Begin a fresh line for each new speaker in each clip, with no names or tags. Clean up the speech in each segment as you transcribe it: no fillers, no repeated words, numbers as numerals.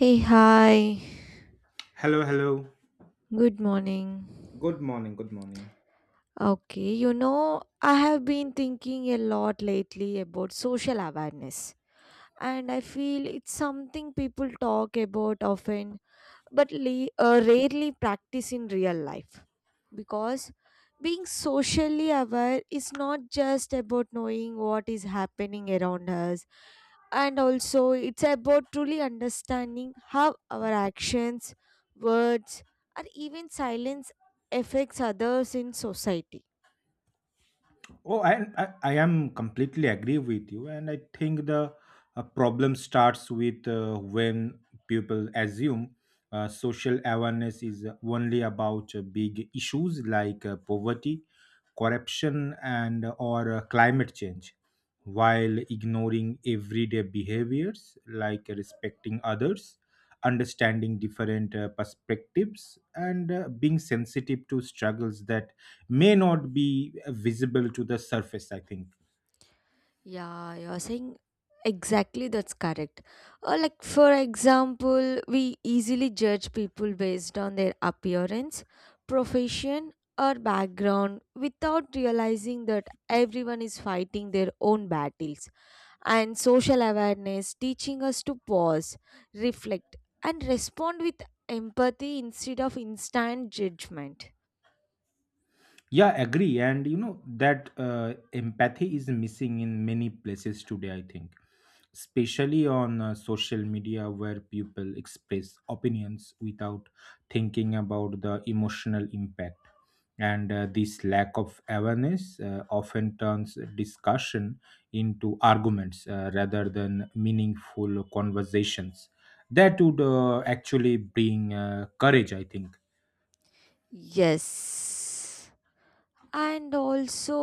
Hey, hi.
Hello, hello.
Good morning.
Good morning, good morning.
Okay, you know, I have been thinking a lot lately about social awareness, and I feel it's something people talk about often but rarely practice in real life because being socially aware is not just about knowing what is happening around us, and also it's about truly understanding how our actions, words, or even silence affects others in society.
Oh, I am completely agree with you, and I think the problem starts with when people assume social awareness is only about big issues like poverty, corruption and or climate change, while ignoring everyday behaviors like respecting others, understanding different perspectives and being sensitive to struggles that may not be visible to the surface, I think.
Yeah, you're saying exactly that's correct. Like, for example, we easily judge people based on their appearance, profession, or background without realizing that everyone is fighting their own battles. And social awareness teaching us to pause, reflect, and respond with empathy instead of instant judgment.
Yeah, agree. And you know that empathy is missing in many places today, I think, especially on social media, where people express opinions without thinking about the emotional impact. And this lack of awareness often turns discussion into arguments rather than meaningful conversations that would actually bring courage, I think.
Yes. And also,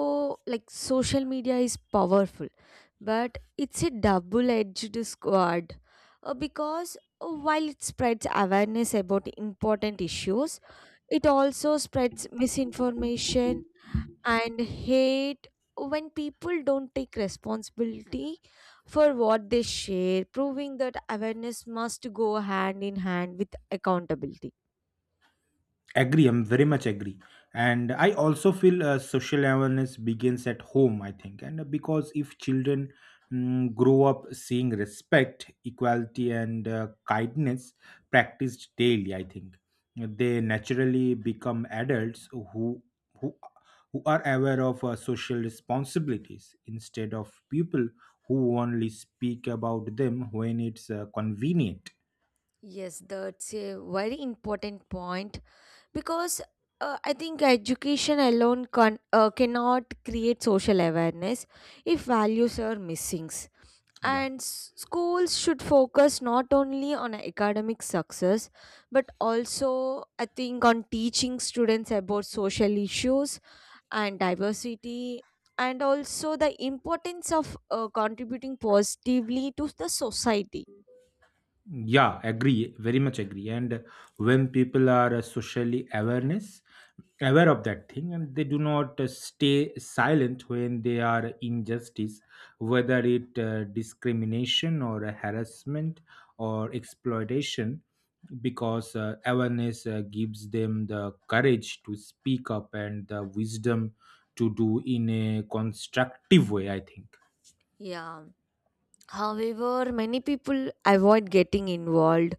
like, social media is powerful but it's a double edged sword, because while it spreads awareness about important issues, it also spreads misinformation and hate when people don't take responsibility for what they share, proving that awareness must go hand in hand with accountability.
Agree, I'm very much agree. And I also feel social awareness begins at home, I think. And because if children grow up seeing respect, equality, and kindness practiced daily, I think they naturally become adults who who are aware of social responsibilities instead of people who only speak about them when it's convenient.
Yes, that's a very important point, because I think education alone can, cannot create social awareness if values are missing.
Yeah.
And schools should focus not only on academic success but also, I think, on teaching students about social issues and diversity, and also the importance of contributing positively to the society.
Yeah, agree, very much agree. And when people are socially awareness aware of that thing, and they do not stay silent when they are injustice, whether it discrimination or a harassment or exploitation, because awareness gives them the courage to speak up and the wisdom to do in a constructive way, I think.
Yeah. However, many people avoid getting involved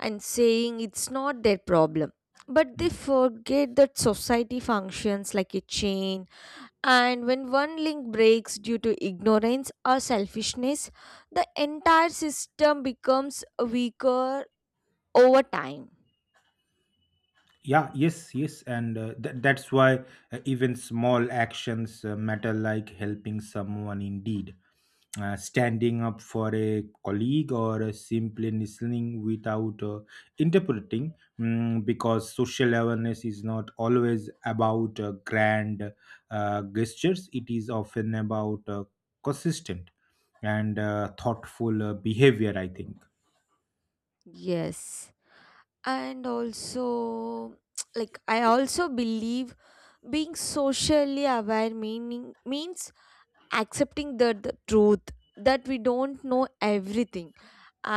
and saying it's not their problem. But they
Hmm.
forget that society functions like a chain, and when one link breaks due to ignorance or selfishness, the entire system becomes weaker over time.
Yeah, yes, yes, and that's why even small actions matter, like helping someone, indeed, standing up for a colleague, or simply listening without interpreting. Because social awareness is not always about grand gestures; it is often about consistent and thoughtful behavior, I think.
Yes. And also, like, I also believe being socially aware meaning means accepting the truth that we don't know everything,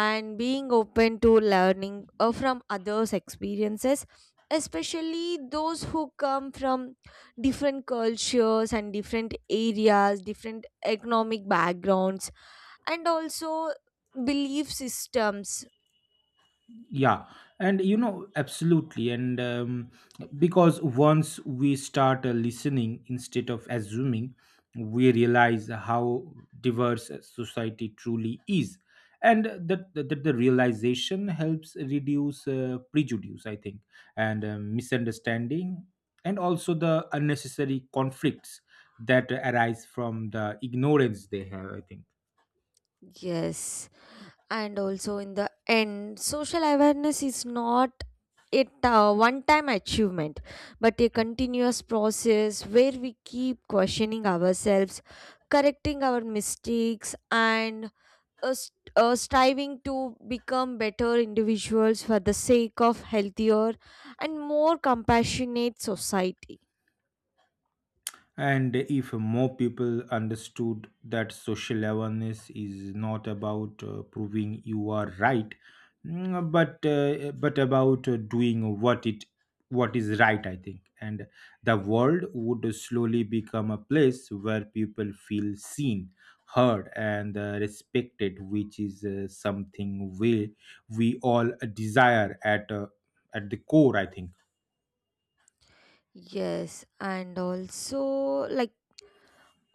and being open to learning from others experiences, especially those who come from different cultures and different areas, different economic backgrounds, and also belief systems.
Yeah. And you know, absolutely. And because once we start listening instead of assuming, we realize how diverse a society truly is, and that the realization helps reduce prejudice, I think, and misunderstanding, and also the unnecessary conflicts that arise from the ignorance they have, I think.
Yes, and also in the end, social awareness is not it, one time achievement, but a continuous process where we keep questioning ourselves, correcting our mistakes, and striving to become better individuals for the sake of healthier and more compassionate society.
And if more people understood that social awareness is not about proving you are right, but about doing what is right, I think, and the world would slowly become a place where people feel seen, heard, and respected, which is something we all desire at the core, I think.
Yes, and also like,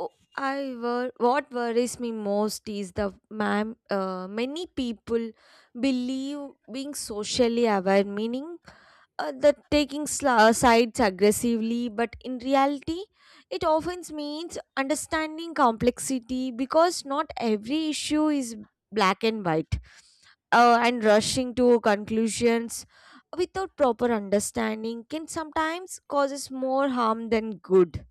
oh, I what worries me most is the ma'am. Many people believe being socially aware meaning that taking sides aggressively, but in reality, it often means understanding complexity because not every issue is black and white. And rushing to conclusions without proper understanding can sometimes causes more harm than good.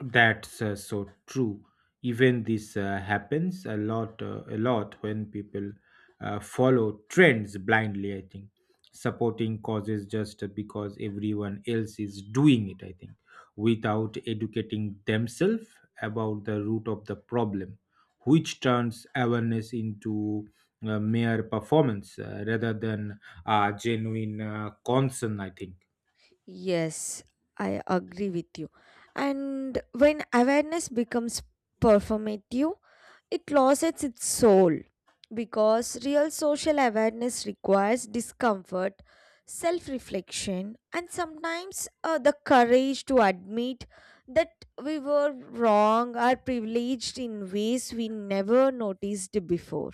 That's so true. Even this happens a lot when people follow trends blindly, I think, supporting causes just because everyone else is doing it, I think, without educating themselves about the root of the problem, which turns awareness into mere performance rather than genuine concern, I think.
Yes, I agree with you. And when awareness becomes performative, it loses its soul because real social awareness requires discomfort, self reflection, and sometimes the courage to admit that we were wrong or privileged in ways we never noticed before.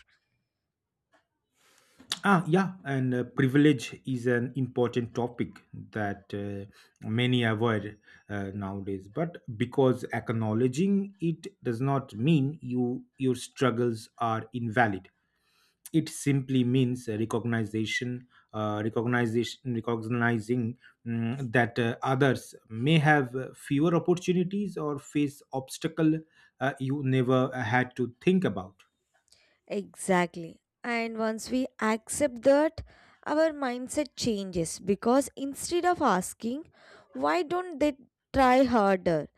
Ah, yeah, and privilege is an important topic that many avoid nowadays. But because acknowledging it does not mean you your struggles are invalid. It simply means recognizing that others may have fewer opportunities or face obstacle you never had to think about.
Exactly. And once we accept that, our mindset changes because instead of asking, why don't they try harder?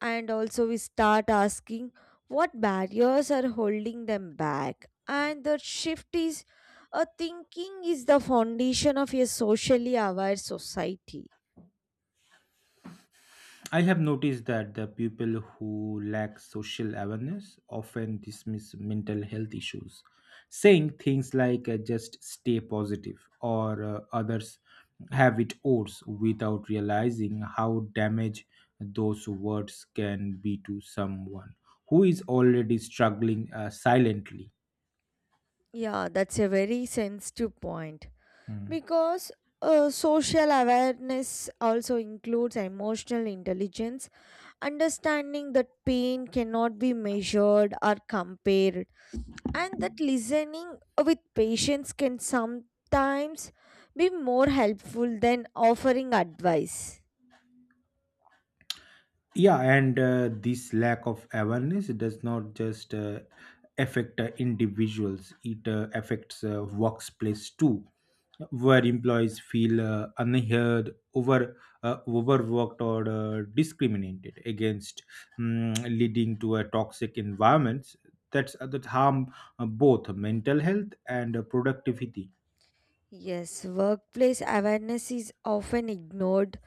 And also, we start asking what barriers are holding them back. And the shift is a thinking is the foundation of a socially aware society.
I have noticed that the people who lack social awareness often dismiss mental health issues, saying things like just stay positive or others have it worse, without realizing how damaged those words can be to someone who is already struggling silently.
Yeah, that's a very sensitive point
Hmm.
because social awareness also includes emotional intelligence, understanding that pain cannot be measured or compared, and that listening with patience can sometimes be more helpful than offering advice.
Yeah, and this lack of awareness does not just affect individuals, it affects workplace too, where employees feel unheard, over overworked, or discriminated against, leading to a toxic environments that's that harm both mental health and productivity.
Yes, workplace awareness is often ignored.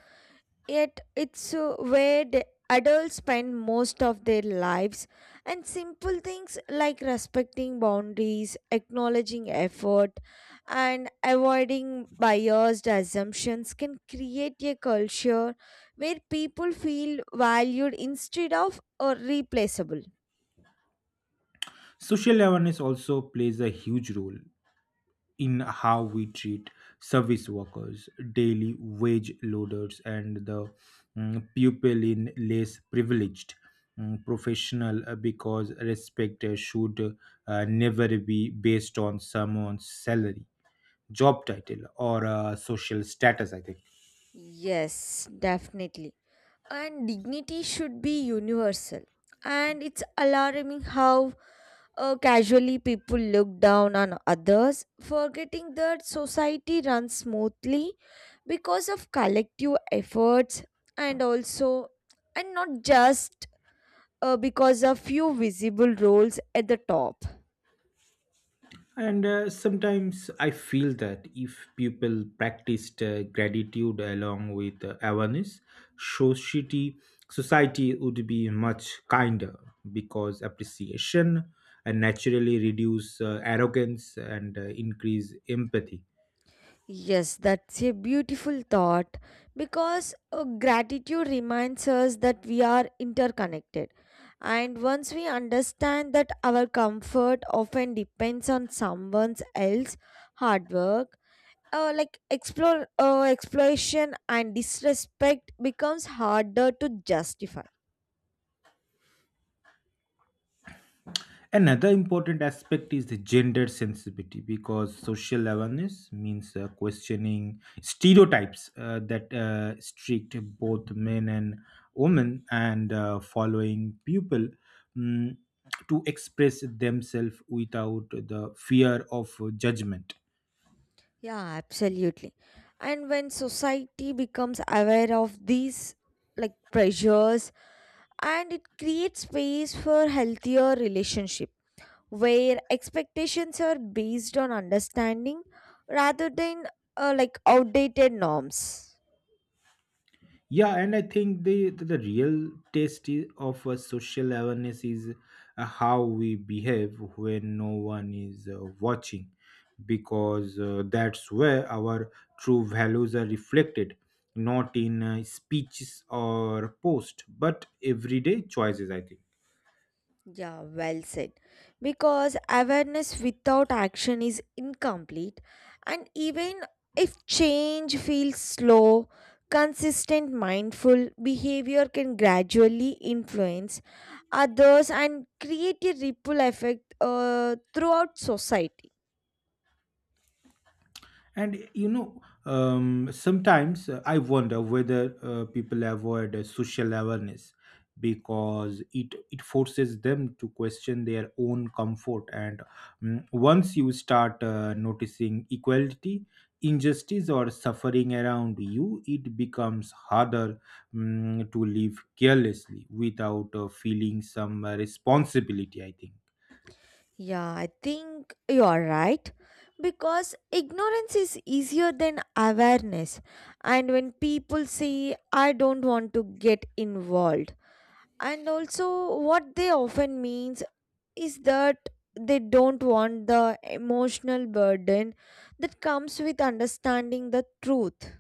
Yet it's where the adults spend most of their lives, and simple things like respecting boundaries, acknowledging effort, and avoiding biased assumptions can create a culture where people feel valued instead of or replaceable.
Social awareness also plays a huge role in how we treat service workers, daily wage loaders, and the people in less privileged professional, because respect should never be based on someone's salary, job title or social status, I think.
Yes, definitely. And dignity should be universal. And it's alarming how casually people look down on others, forgetting that society runs smoothly because of collective efforts, and also, and not just because of few visible roles at the top.
And sometimes I feel that if people practiced gratitude along with awareness, society society would be much kinder, because appreciation and naturally reduce arrogance and increase empathy.
Yes, that's a beautiful thought because gratitude reminds us that we are interconnected. And once we understand that our comfort often depends on someone else's hard work, like explore exploration and disrespect becomes harder to justify.
Another important aspect is the gender sensitivity, because social awareness means questioning stereotypes that strict both men and women, and following people mm, to express themselves without the fear of judgment.
Yeah, absolutely. And when society becomes aware of these, like, pressures, and it creates space for healthier relationship where expectations are based on understanding rather than like outdated norms.
Yeah, and I think the real test of a social awareness is how we behave when no one is watching, because that's where our true values are reflected, not in speeches or post, but everyday choices, I think.
Yeah, well said. Because awareness without action is incomplete, and even if change feels slow, consistent mindful behavior can gradually influence others and create a ripple effect throughout society.
And you know, sometimes I wonder whether people avoid social awareness because it forces them to question their own comfort. And once you start noticing equality, injustice, or suffering around you, it becomes harder to live carelessly without feeling some responsibility, I think.
Yeah, I think you are right because ignorance is easier than awareness. And when people say, I don't want to get involved, and also what they often means is that they don't want the emotional burden that comes with understanding the truth.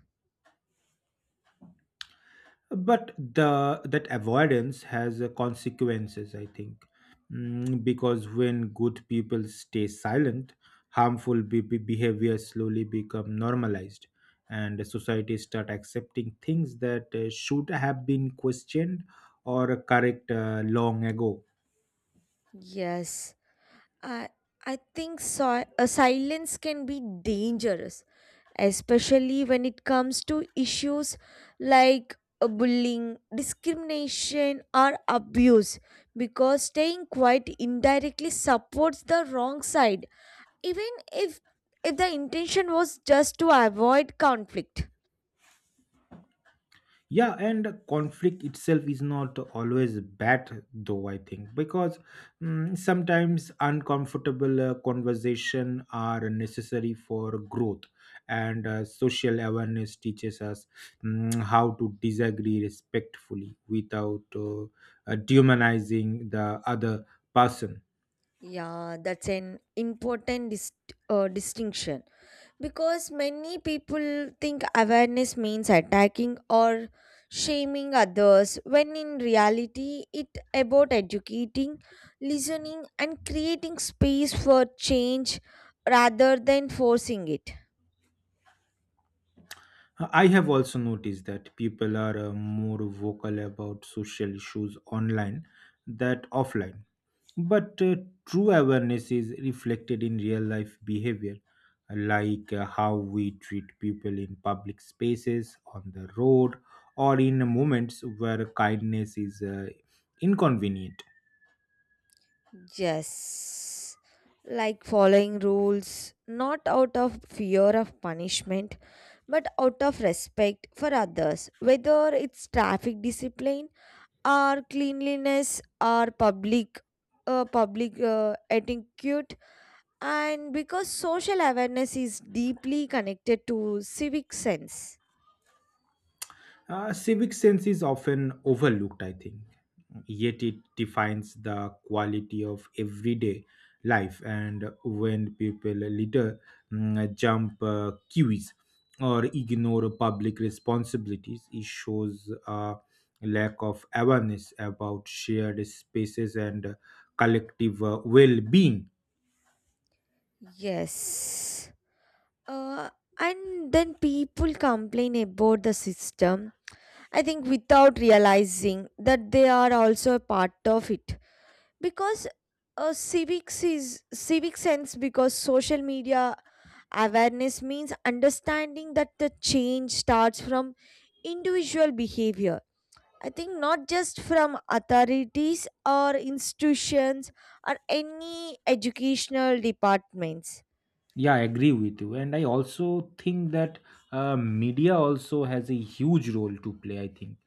But the that avoidance has consequences, I think, because when good people stay silent, harmful behavior slowly become normalized, and societies start accepting things that should have been questioned or correct long ago.
Yes, I I think so. A silence can be dangerous, especially when it comes to issues like bullying, discrimination, or abuse, because staying quiet indirectly supports the wrong side even if the intention was just to avoid conflict.
Yeah, and conflict itself is not always bad though, I think, because sometimes uncomfortable conversation are necessary for growth, and social awareness teaches us how to disagree respectfully without demonizing the other person.
Yeah, that's an important distinction because many people think awareness means attacking or shaming others when in reality it about educating, listening, and creating space for change rather than forcing it.
I have also noticed that people are more vocal about social issues online than offline. But true awareness is reflected in real life behavior, like how we treat people in public spaces, on the road, or in moments where kindness is inconvenient.
Yes, like following rules, not out of fear of punishment, but out of respect for others, whether it's traffic discipline or cleanliness or public. Public etiquette, and because social awareness is deeply connected to civic sense.
Civic sense is often overlooked, I think, yet it defines the quality of everyday life. And when people later jump queues or ignore public responsibilities, it shows a lack of awareness about shared spaces and collective well being.
Yes, uh, and then people complain about the system, I think, without realizing that they are also a part of it, because civics is civic sense because social media awareness means understanding that the change starts from individual behavior, I think, not just from authorities or institutions or any educational departments.
Yeah, I agree with you. And I also think that media also has a huge role to play, I think,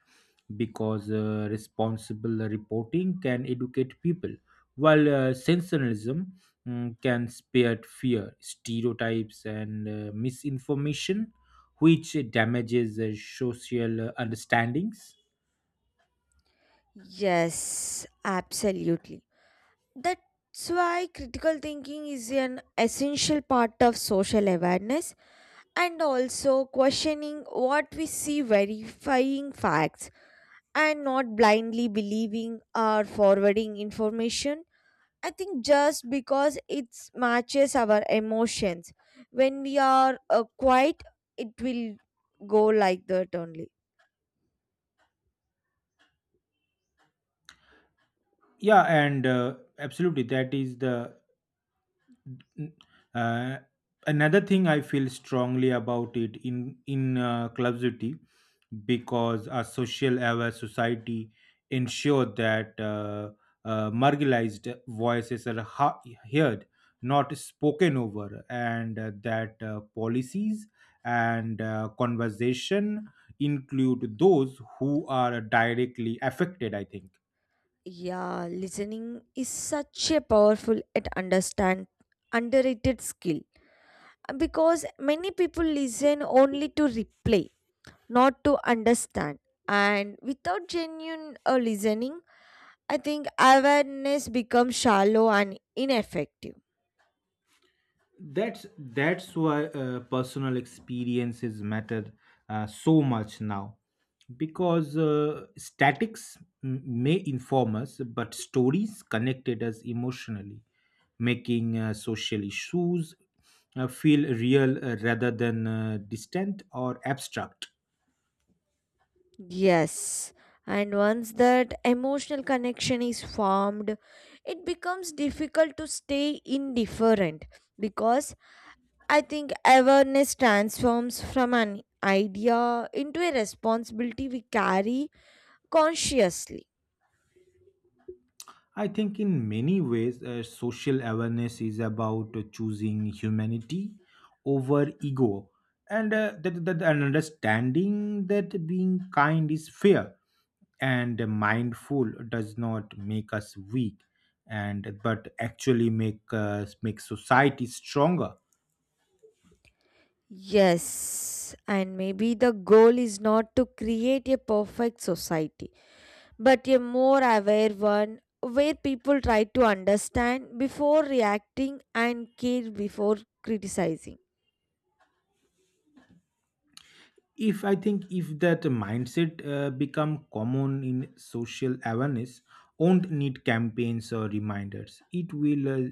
because responsible reporting can educate people, while sensationalism can spread fear, stereotypes, and misinformation, which damages social understandings.
Yes, absolutely. That's why critical thinking is an essential part of social awareness, and also questioning what we see, verifying facts, and not blindly believing or forwarding information, I think, just because it matches our emotions. When we are quiet, it will go like that only.
Yeah, and absolutely, that is the Uh, another thing I feel strongly about it in clubsity, because a social aware society ensure that marginalized voices are heard, not spoken over, and that policies and conversation include those who are directly affected, I think.
Yeah, listening is such a powerful and understand underrated skill. Because many people listen only to replay, not to understand. And without genuine listening, I think awareness becomes shallow and ineffective.
That's why personal experiences matter so much now, because statics may inform us, but stories connected us emotionally, making social issues feel real rather than distant or abstract.
Yes, and once that emotional connection is formed, it becomes difficult to stay indifferent because I think awareness transforms from an idea into a responsibility we carry consciously.
I think in many ways, social awareness is about choosing humanity over ego, and that an understanding that being kind is fair and mindful does not make us weak, and but actually make society stronger.
Yes, and maybe the goal is not to create a perfect society, but a more aware one where people try to understand before reacting and care before criticizing.
If I think if that mindset become common in social awareness, won't need campaigns or reminders, it will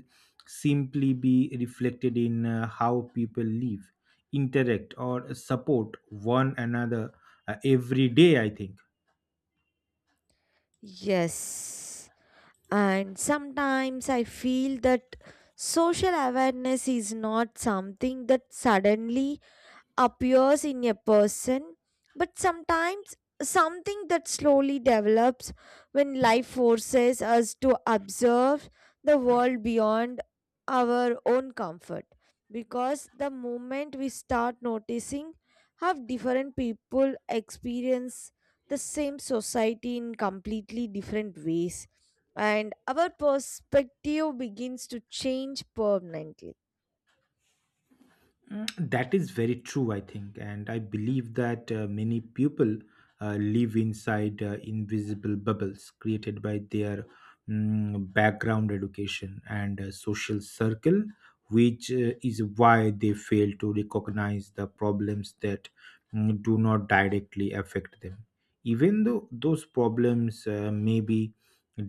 simply be reflected in how people live, interact or support one another every day, I think.
Yes. And sometimes I feel that social awareness is not something that suddenly appears in a person, but sometimes something that slowly develops when life forces us to observe the world beyond our own comfort. Because the moment we start noticing how different people experience the same society in completely different ways, and our perspective begins to change permanently.
That is very true, I think. And I believe that many people live inside invisible bubbles created by their background, education and social circle, which is why they fail to recognize the problems that do not directly affect them. Even though those problems may be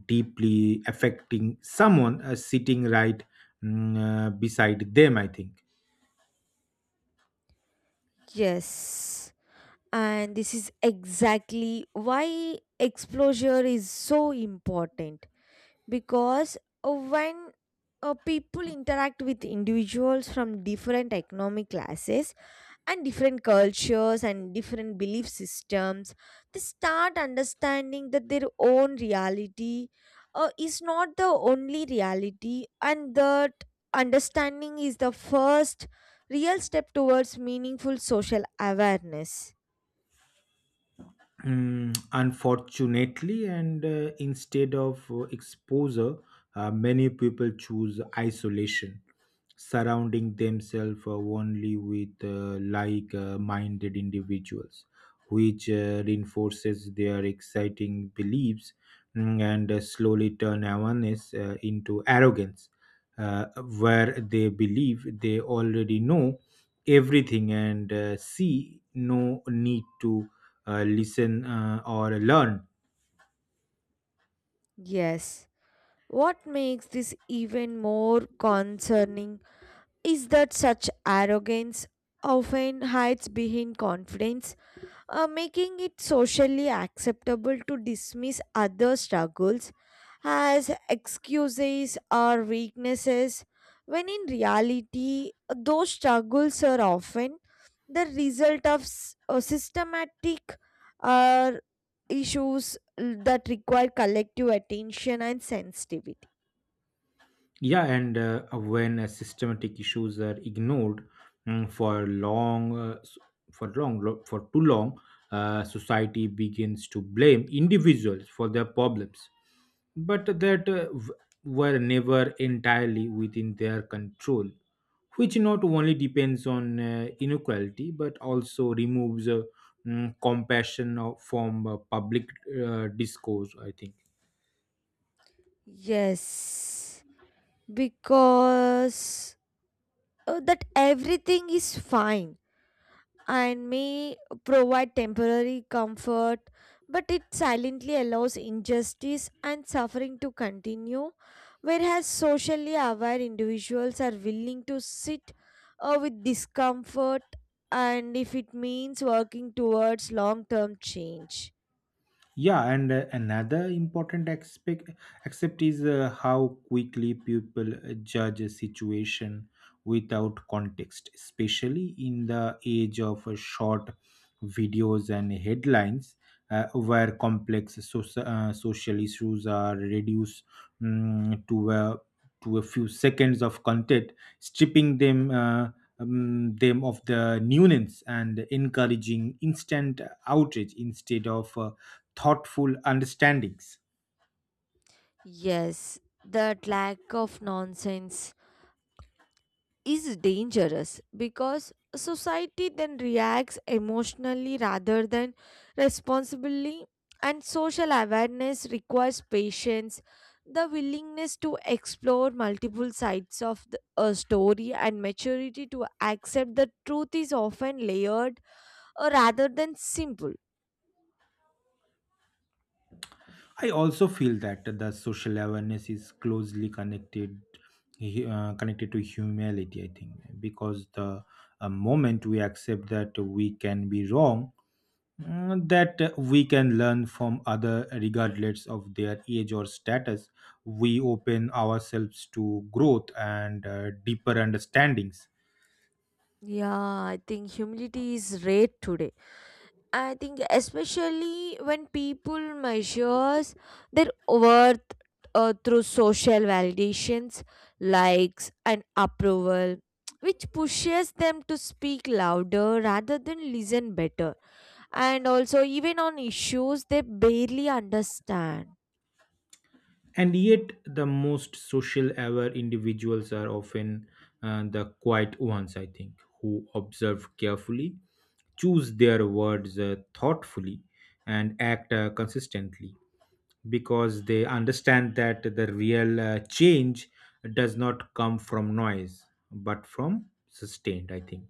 deeply affecting someone sitting right beside them, I think.
Yes. And this is exactly why exposure is so important, because when people interact with individuals from different economic classes and different cultures and different belief systems, they start understanding that their own reality is not the only reality, and that understanding is the first real step towards meaningful social awareness.
Unfortunately, and instead of exposure, many people choose isolation, surrounding themselves only with like minded individuals, which reinforces their exciting beliefs, and slowly turn awareness into arrogance, uh, where they believe they already know everything and see no need to listen or learn.
Yes. What makes this even more concerning is that such arrogance often hides behind confidence, making it socially acceptable to dismiss other struggles as excuses or weaknesses, when in reality, those struggles are often the result of systematic uh, issues that require collective attention and sensitivity.
Yeah, and when systematic issues are ignored for long s- for long lo- for too long, society begins to blame individuals for their problems, but that were never entirely within their control, which not only depends on inequality but also removes compassion from public discourse, I think.
Yes, because that everything is fine. And may provide temporary comfort, but it silently allows injustice and suffering to continue. Whereas socially aware individuals are willing to sit with discomfort, and if it means working towards long term change.
Yeah, and another important aspect, except is how quickly people judge a situation without context, especially in the age of short videos and headlines, where complex social issues are reduced to a few seconds of content, stripping them. Them of the nuance and encouraging instant outrage instead of thoughtful understandings.
Yes, that lack of nonsense is dangerous because society then reacts emotionally rather than responsibly, and social awareness requires patience, the willingness to explore multiple sides of a story, and maturity to accept the truth is often layered rather than simple.
I also feel that the social awareness is closely connected to humility. I think because the moment we accept that we can be wrong, that we can learn from other regardless of their age or status, we open ourselves to growth and deeper understandings.
Yeah, I think humility is rare today, I think, especially when people measures their worth through social validations, likes and approval, which pushes them to speak louder rather than listen better, and also even on issues they barely understand.
And yet, the most social aware individuals are often the quiet ones, I think, who observe carefully, choose their words thoughtfully, and act consistently because they understand that the real change does not come from noise but from sustained, I think,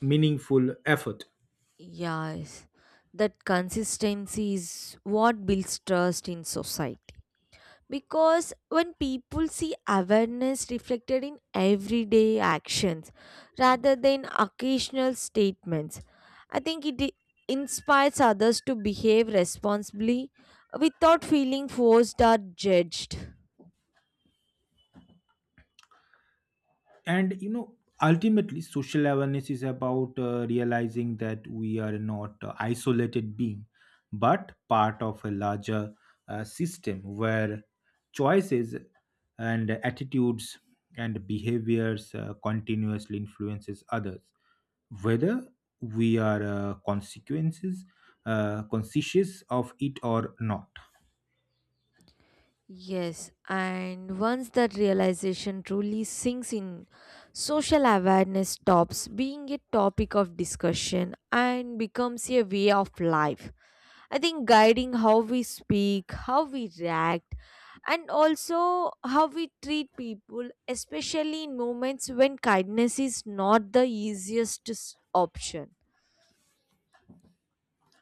meaningful effort.
Yes, that consistency is what builds trust in society. Because when people see awareness reflected in everyday actions rather than occasional statements, I think inspires others to behave responsibly without feeling forced or judged.
And ultimately, social awareness is about realizing that we are not isolated being but part of a larger system where choices and attitudes and behaviors continuously influences others whether we are consequences conscious of it or not.
Yes, and once that realization truly sinks in, social awareness stops being a topic of discussion and becomes a way of life. I think guiding how we speak, how we react, and also how we treat people, especially in moments when kindness is not the easiest option.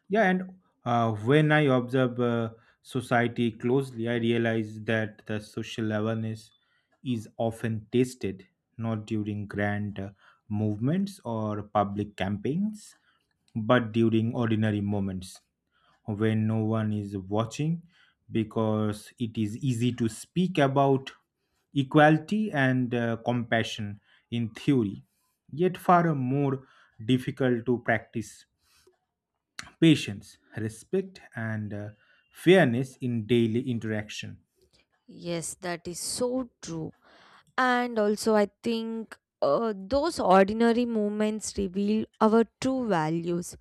Yeah, and when I observe society closely, I realize that the social awareness is often tested not during grand movements or public campaigns, but during ordinary moments when no one is watching, because it is easy to speak about equality and compassion in theory, yet far more difficult to practice patience, respect, and fairness in daily interaction.
Yes, that is so true. And also, I think those ordinary moments reveal our true values.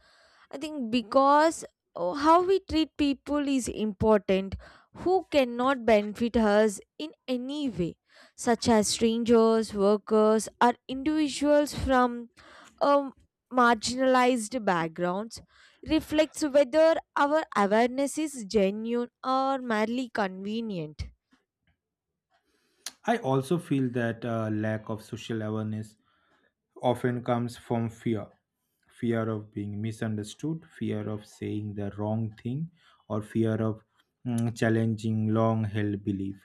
I think because how we treat people is important, who cannot benefit us in any way, such as strangers, workers, or individuals from um, marginalized backgrounds, reflects whether our awareness is genuine or merely convenient.
I also feel that lack of social awareness often comes from fear, fear of being misunderstood, fear of saying the wrong thing, or fear of challenging long held belief,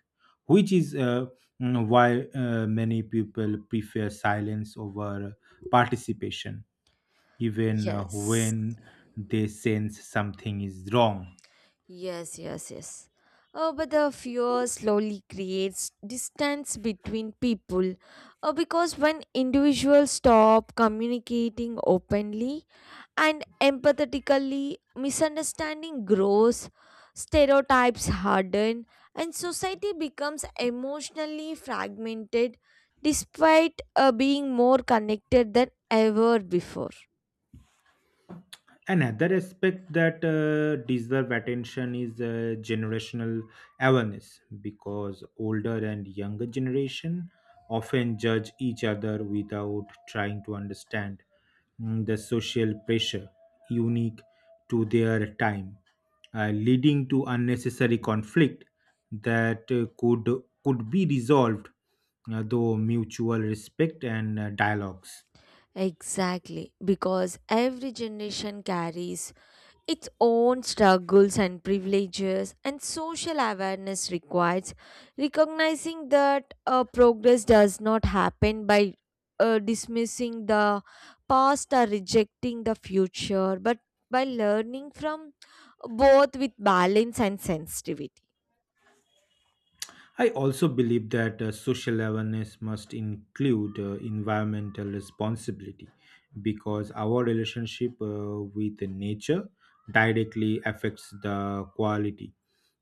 which is why many people prefer silence over participation, even
Yes.
when they sense something is wrong.
Yes, yes, yes. Oh, but the fear slowly creates distance between people because when individuals stop communicating openly and empathetically, misunderstanding grows, stereotypes harden, and society becomes emotionally fragmented despite being more connected than ever before.
Another aspect that deserve attention is generational awareness, because older and younger generation often judge each other without trying to understand the social pressure unique to their time, leading to unnecessary conflict that could be resolved through mutual respect and dialogues.
Exactly, because every generation carries its own struggles and privileges, and social awareness requires recognizing that progress does not happen by dismissing the past or rejecting the future, but by learning from both with balance and sensitivity.
I also believe that social awareness must include environmental responsibility, because our relationship with nature directly affects the quality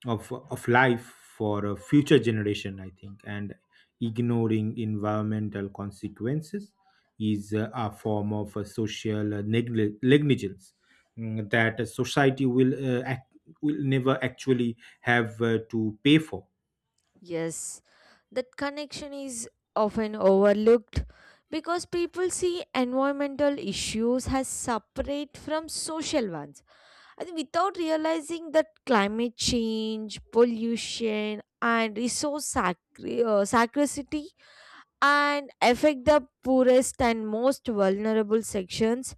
of life for a future generation, I think. And ignoring environmental consequences is a form of social negligence that a society will, will never actually have to pay for.
Yes, that connection is often overlooked because people see environmental issues as separate from social ones. And without realizing that climate change, pollution, and scarcity and affect the poorest and most vulnerable sections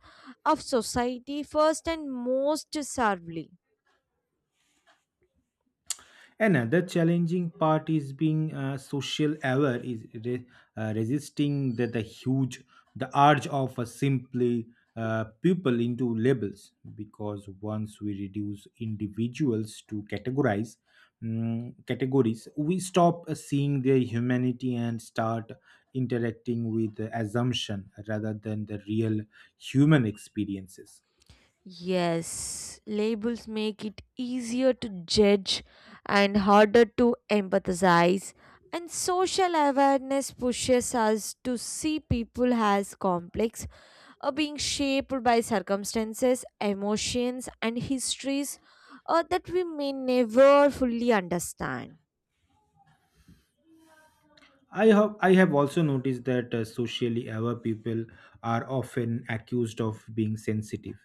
of society first and most severely.
Another challenging part is being social aware is resisting the huge, the urge of a simply people into labels, because once we reduce individuals to categorize, categories, we stop seeing their humanity and start interacting with the assumption rather than the real human experiences.
Yes, labels make it easier to judge and harder to empathize. And social awareness pushes us to see people as complex, or being shaped by circumstances, emotions, and histories that we may never fully understand.
I have also noticed that socially aware people are often accused of being sensitive.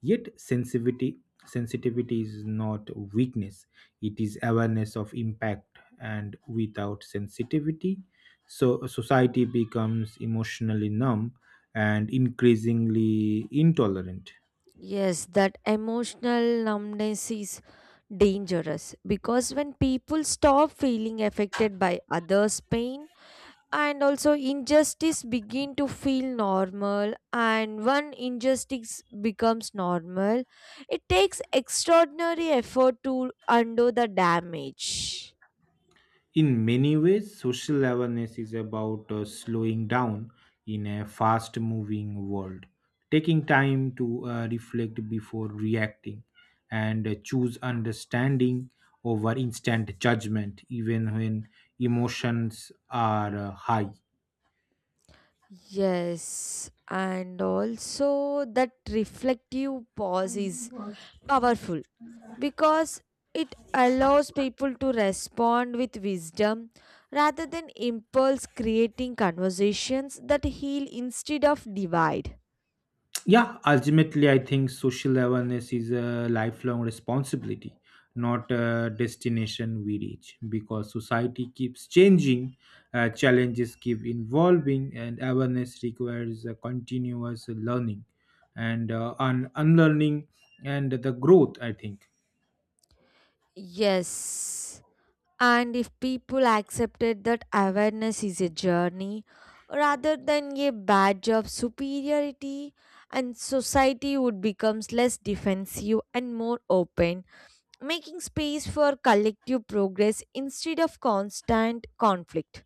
Yet sensitivity, sensitivity is not weakness. It is awareness of impact, and without sensitivity, so society becomes emotionally numb and increasingly intolerant.
Yes, that emotional numbness is dangerous because when people stop feeling affected by others' pain, and also injustice begin to feel normal, and when injustice becomes normal, it takes extraordinary effort to undo the damage.
In many ways, social awareness is about slowing down in a fast moving world, taking time to reflect before reacting, and choose understanding over instant judgment, even when emotions are high.
Yes, and also that reflective pause is powerful because it allows people to respond with wisdom rather than impulse, creating conversations that heal instead of divide.
Yeah, ultimately, I think social awareness is a lifelong responsibility, not a destination we reach, because society keeps changing, challenges keep evolving, and awareness requires a continuous learning and unlearning and the growth, I think.
Yes. And if people accepted that awareness is a journey rather than a badge of superiority, and society would become less defensive and more open, making space for collective progress instead of constant conflict.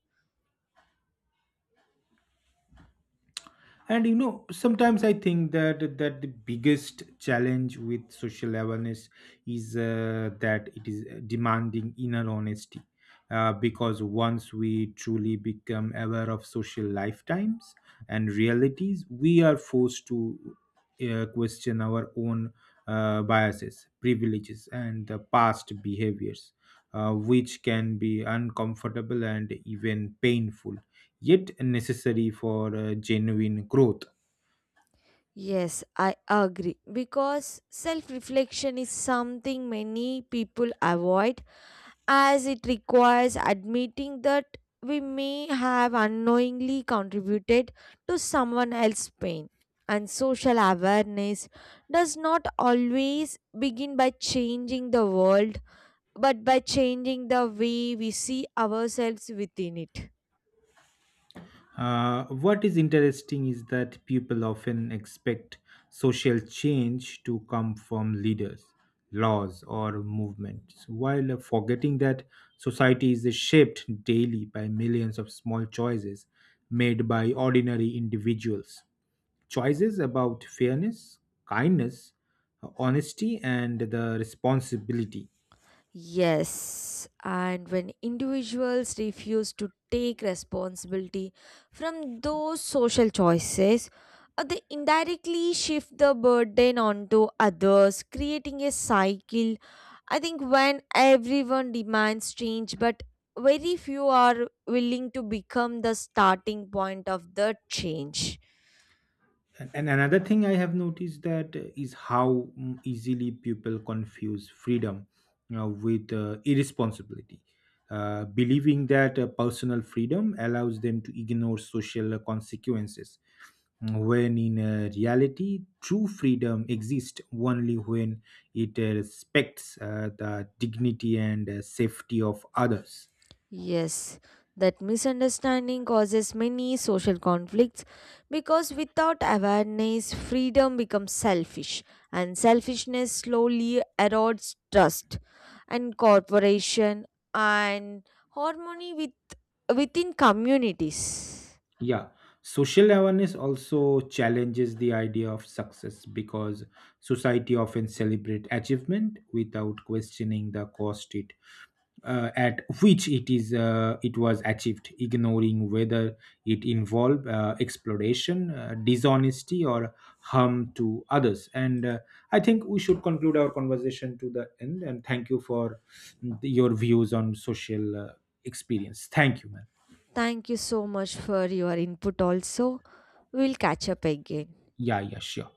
And sometimes I think that the biggest challenge with social awareness is that it is demanding inner honesty, because once we truly become aware of social lifetimes and realities, we are forced to question our own biases, privileges and the past behaviors, which can be uncomfortable and even painful, yet necessary for genuine growth.
Yes, I agree because self reflection is something many people avoid as it requires admitting that we may have unknowingly contributed to someone else's pain. And social awareness does not always begin by changing the world, but by changing the way we see ourselves within it.
What is interesting is that people often expect social change to come from leaders, laws, or movements, while forgetting that society is shaped daily by millions of small choices made by ordinary individuals. Choices about fairness, kindness, honesty, and the responsibility.
Yes, and when individuals refuse to take responsibility from those social choices, they indirectly shift the burden onto others, creating a cycle. I think when everyone demands change, but very few are willing to become the starting point of the change.
And another thing I have noticed that is how easily people confuse freedom, you know, with irresponsibility, believing that personal freedom allows them to ignore social consequences. When in reality, true freedom exists only when it respects the dignity and safety of others.
Yes, that misunderstanding causes many social conflicts because without awareness, freedom becomes selfish, and selfishness slowly erodes trust and cooperation and harmony with within communities.
Yeah, social awareness also challenges the idea of success, because society often celebrate achievement without questioning the cost it, at which it was achieved, ignoring whether it involved exploration, dishonesty, or harm to others. And I think we should conclude our conversation to the end. And thank you for your views on social experience. Thank you, man.
Thank you so much for your input. Also, we'll catch up again.
Yeah, yeah, sure.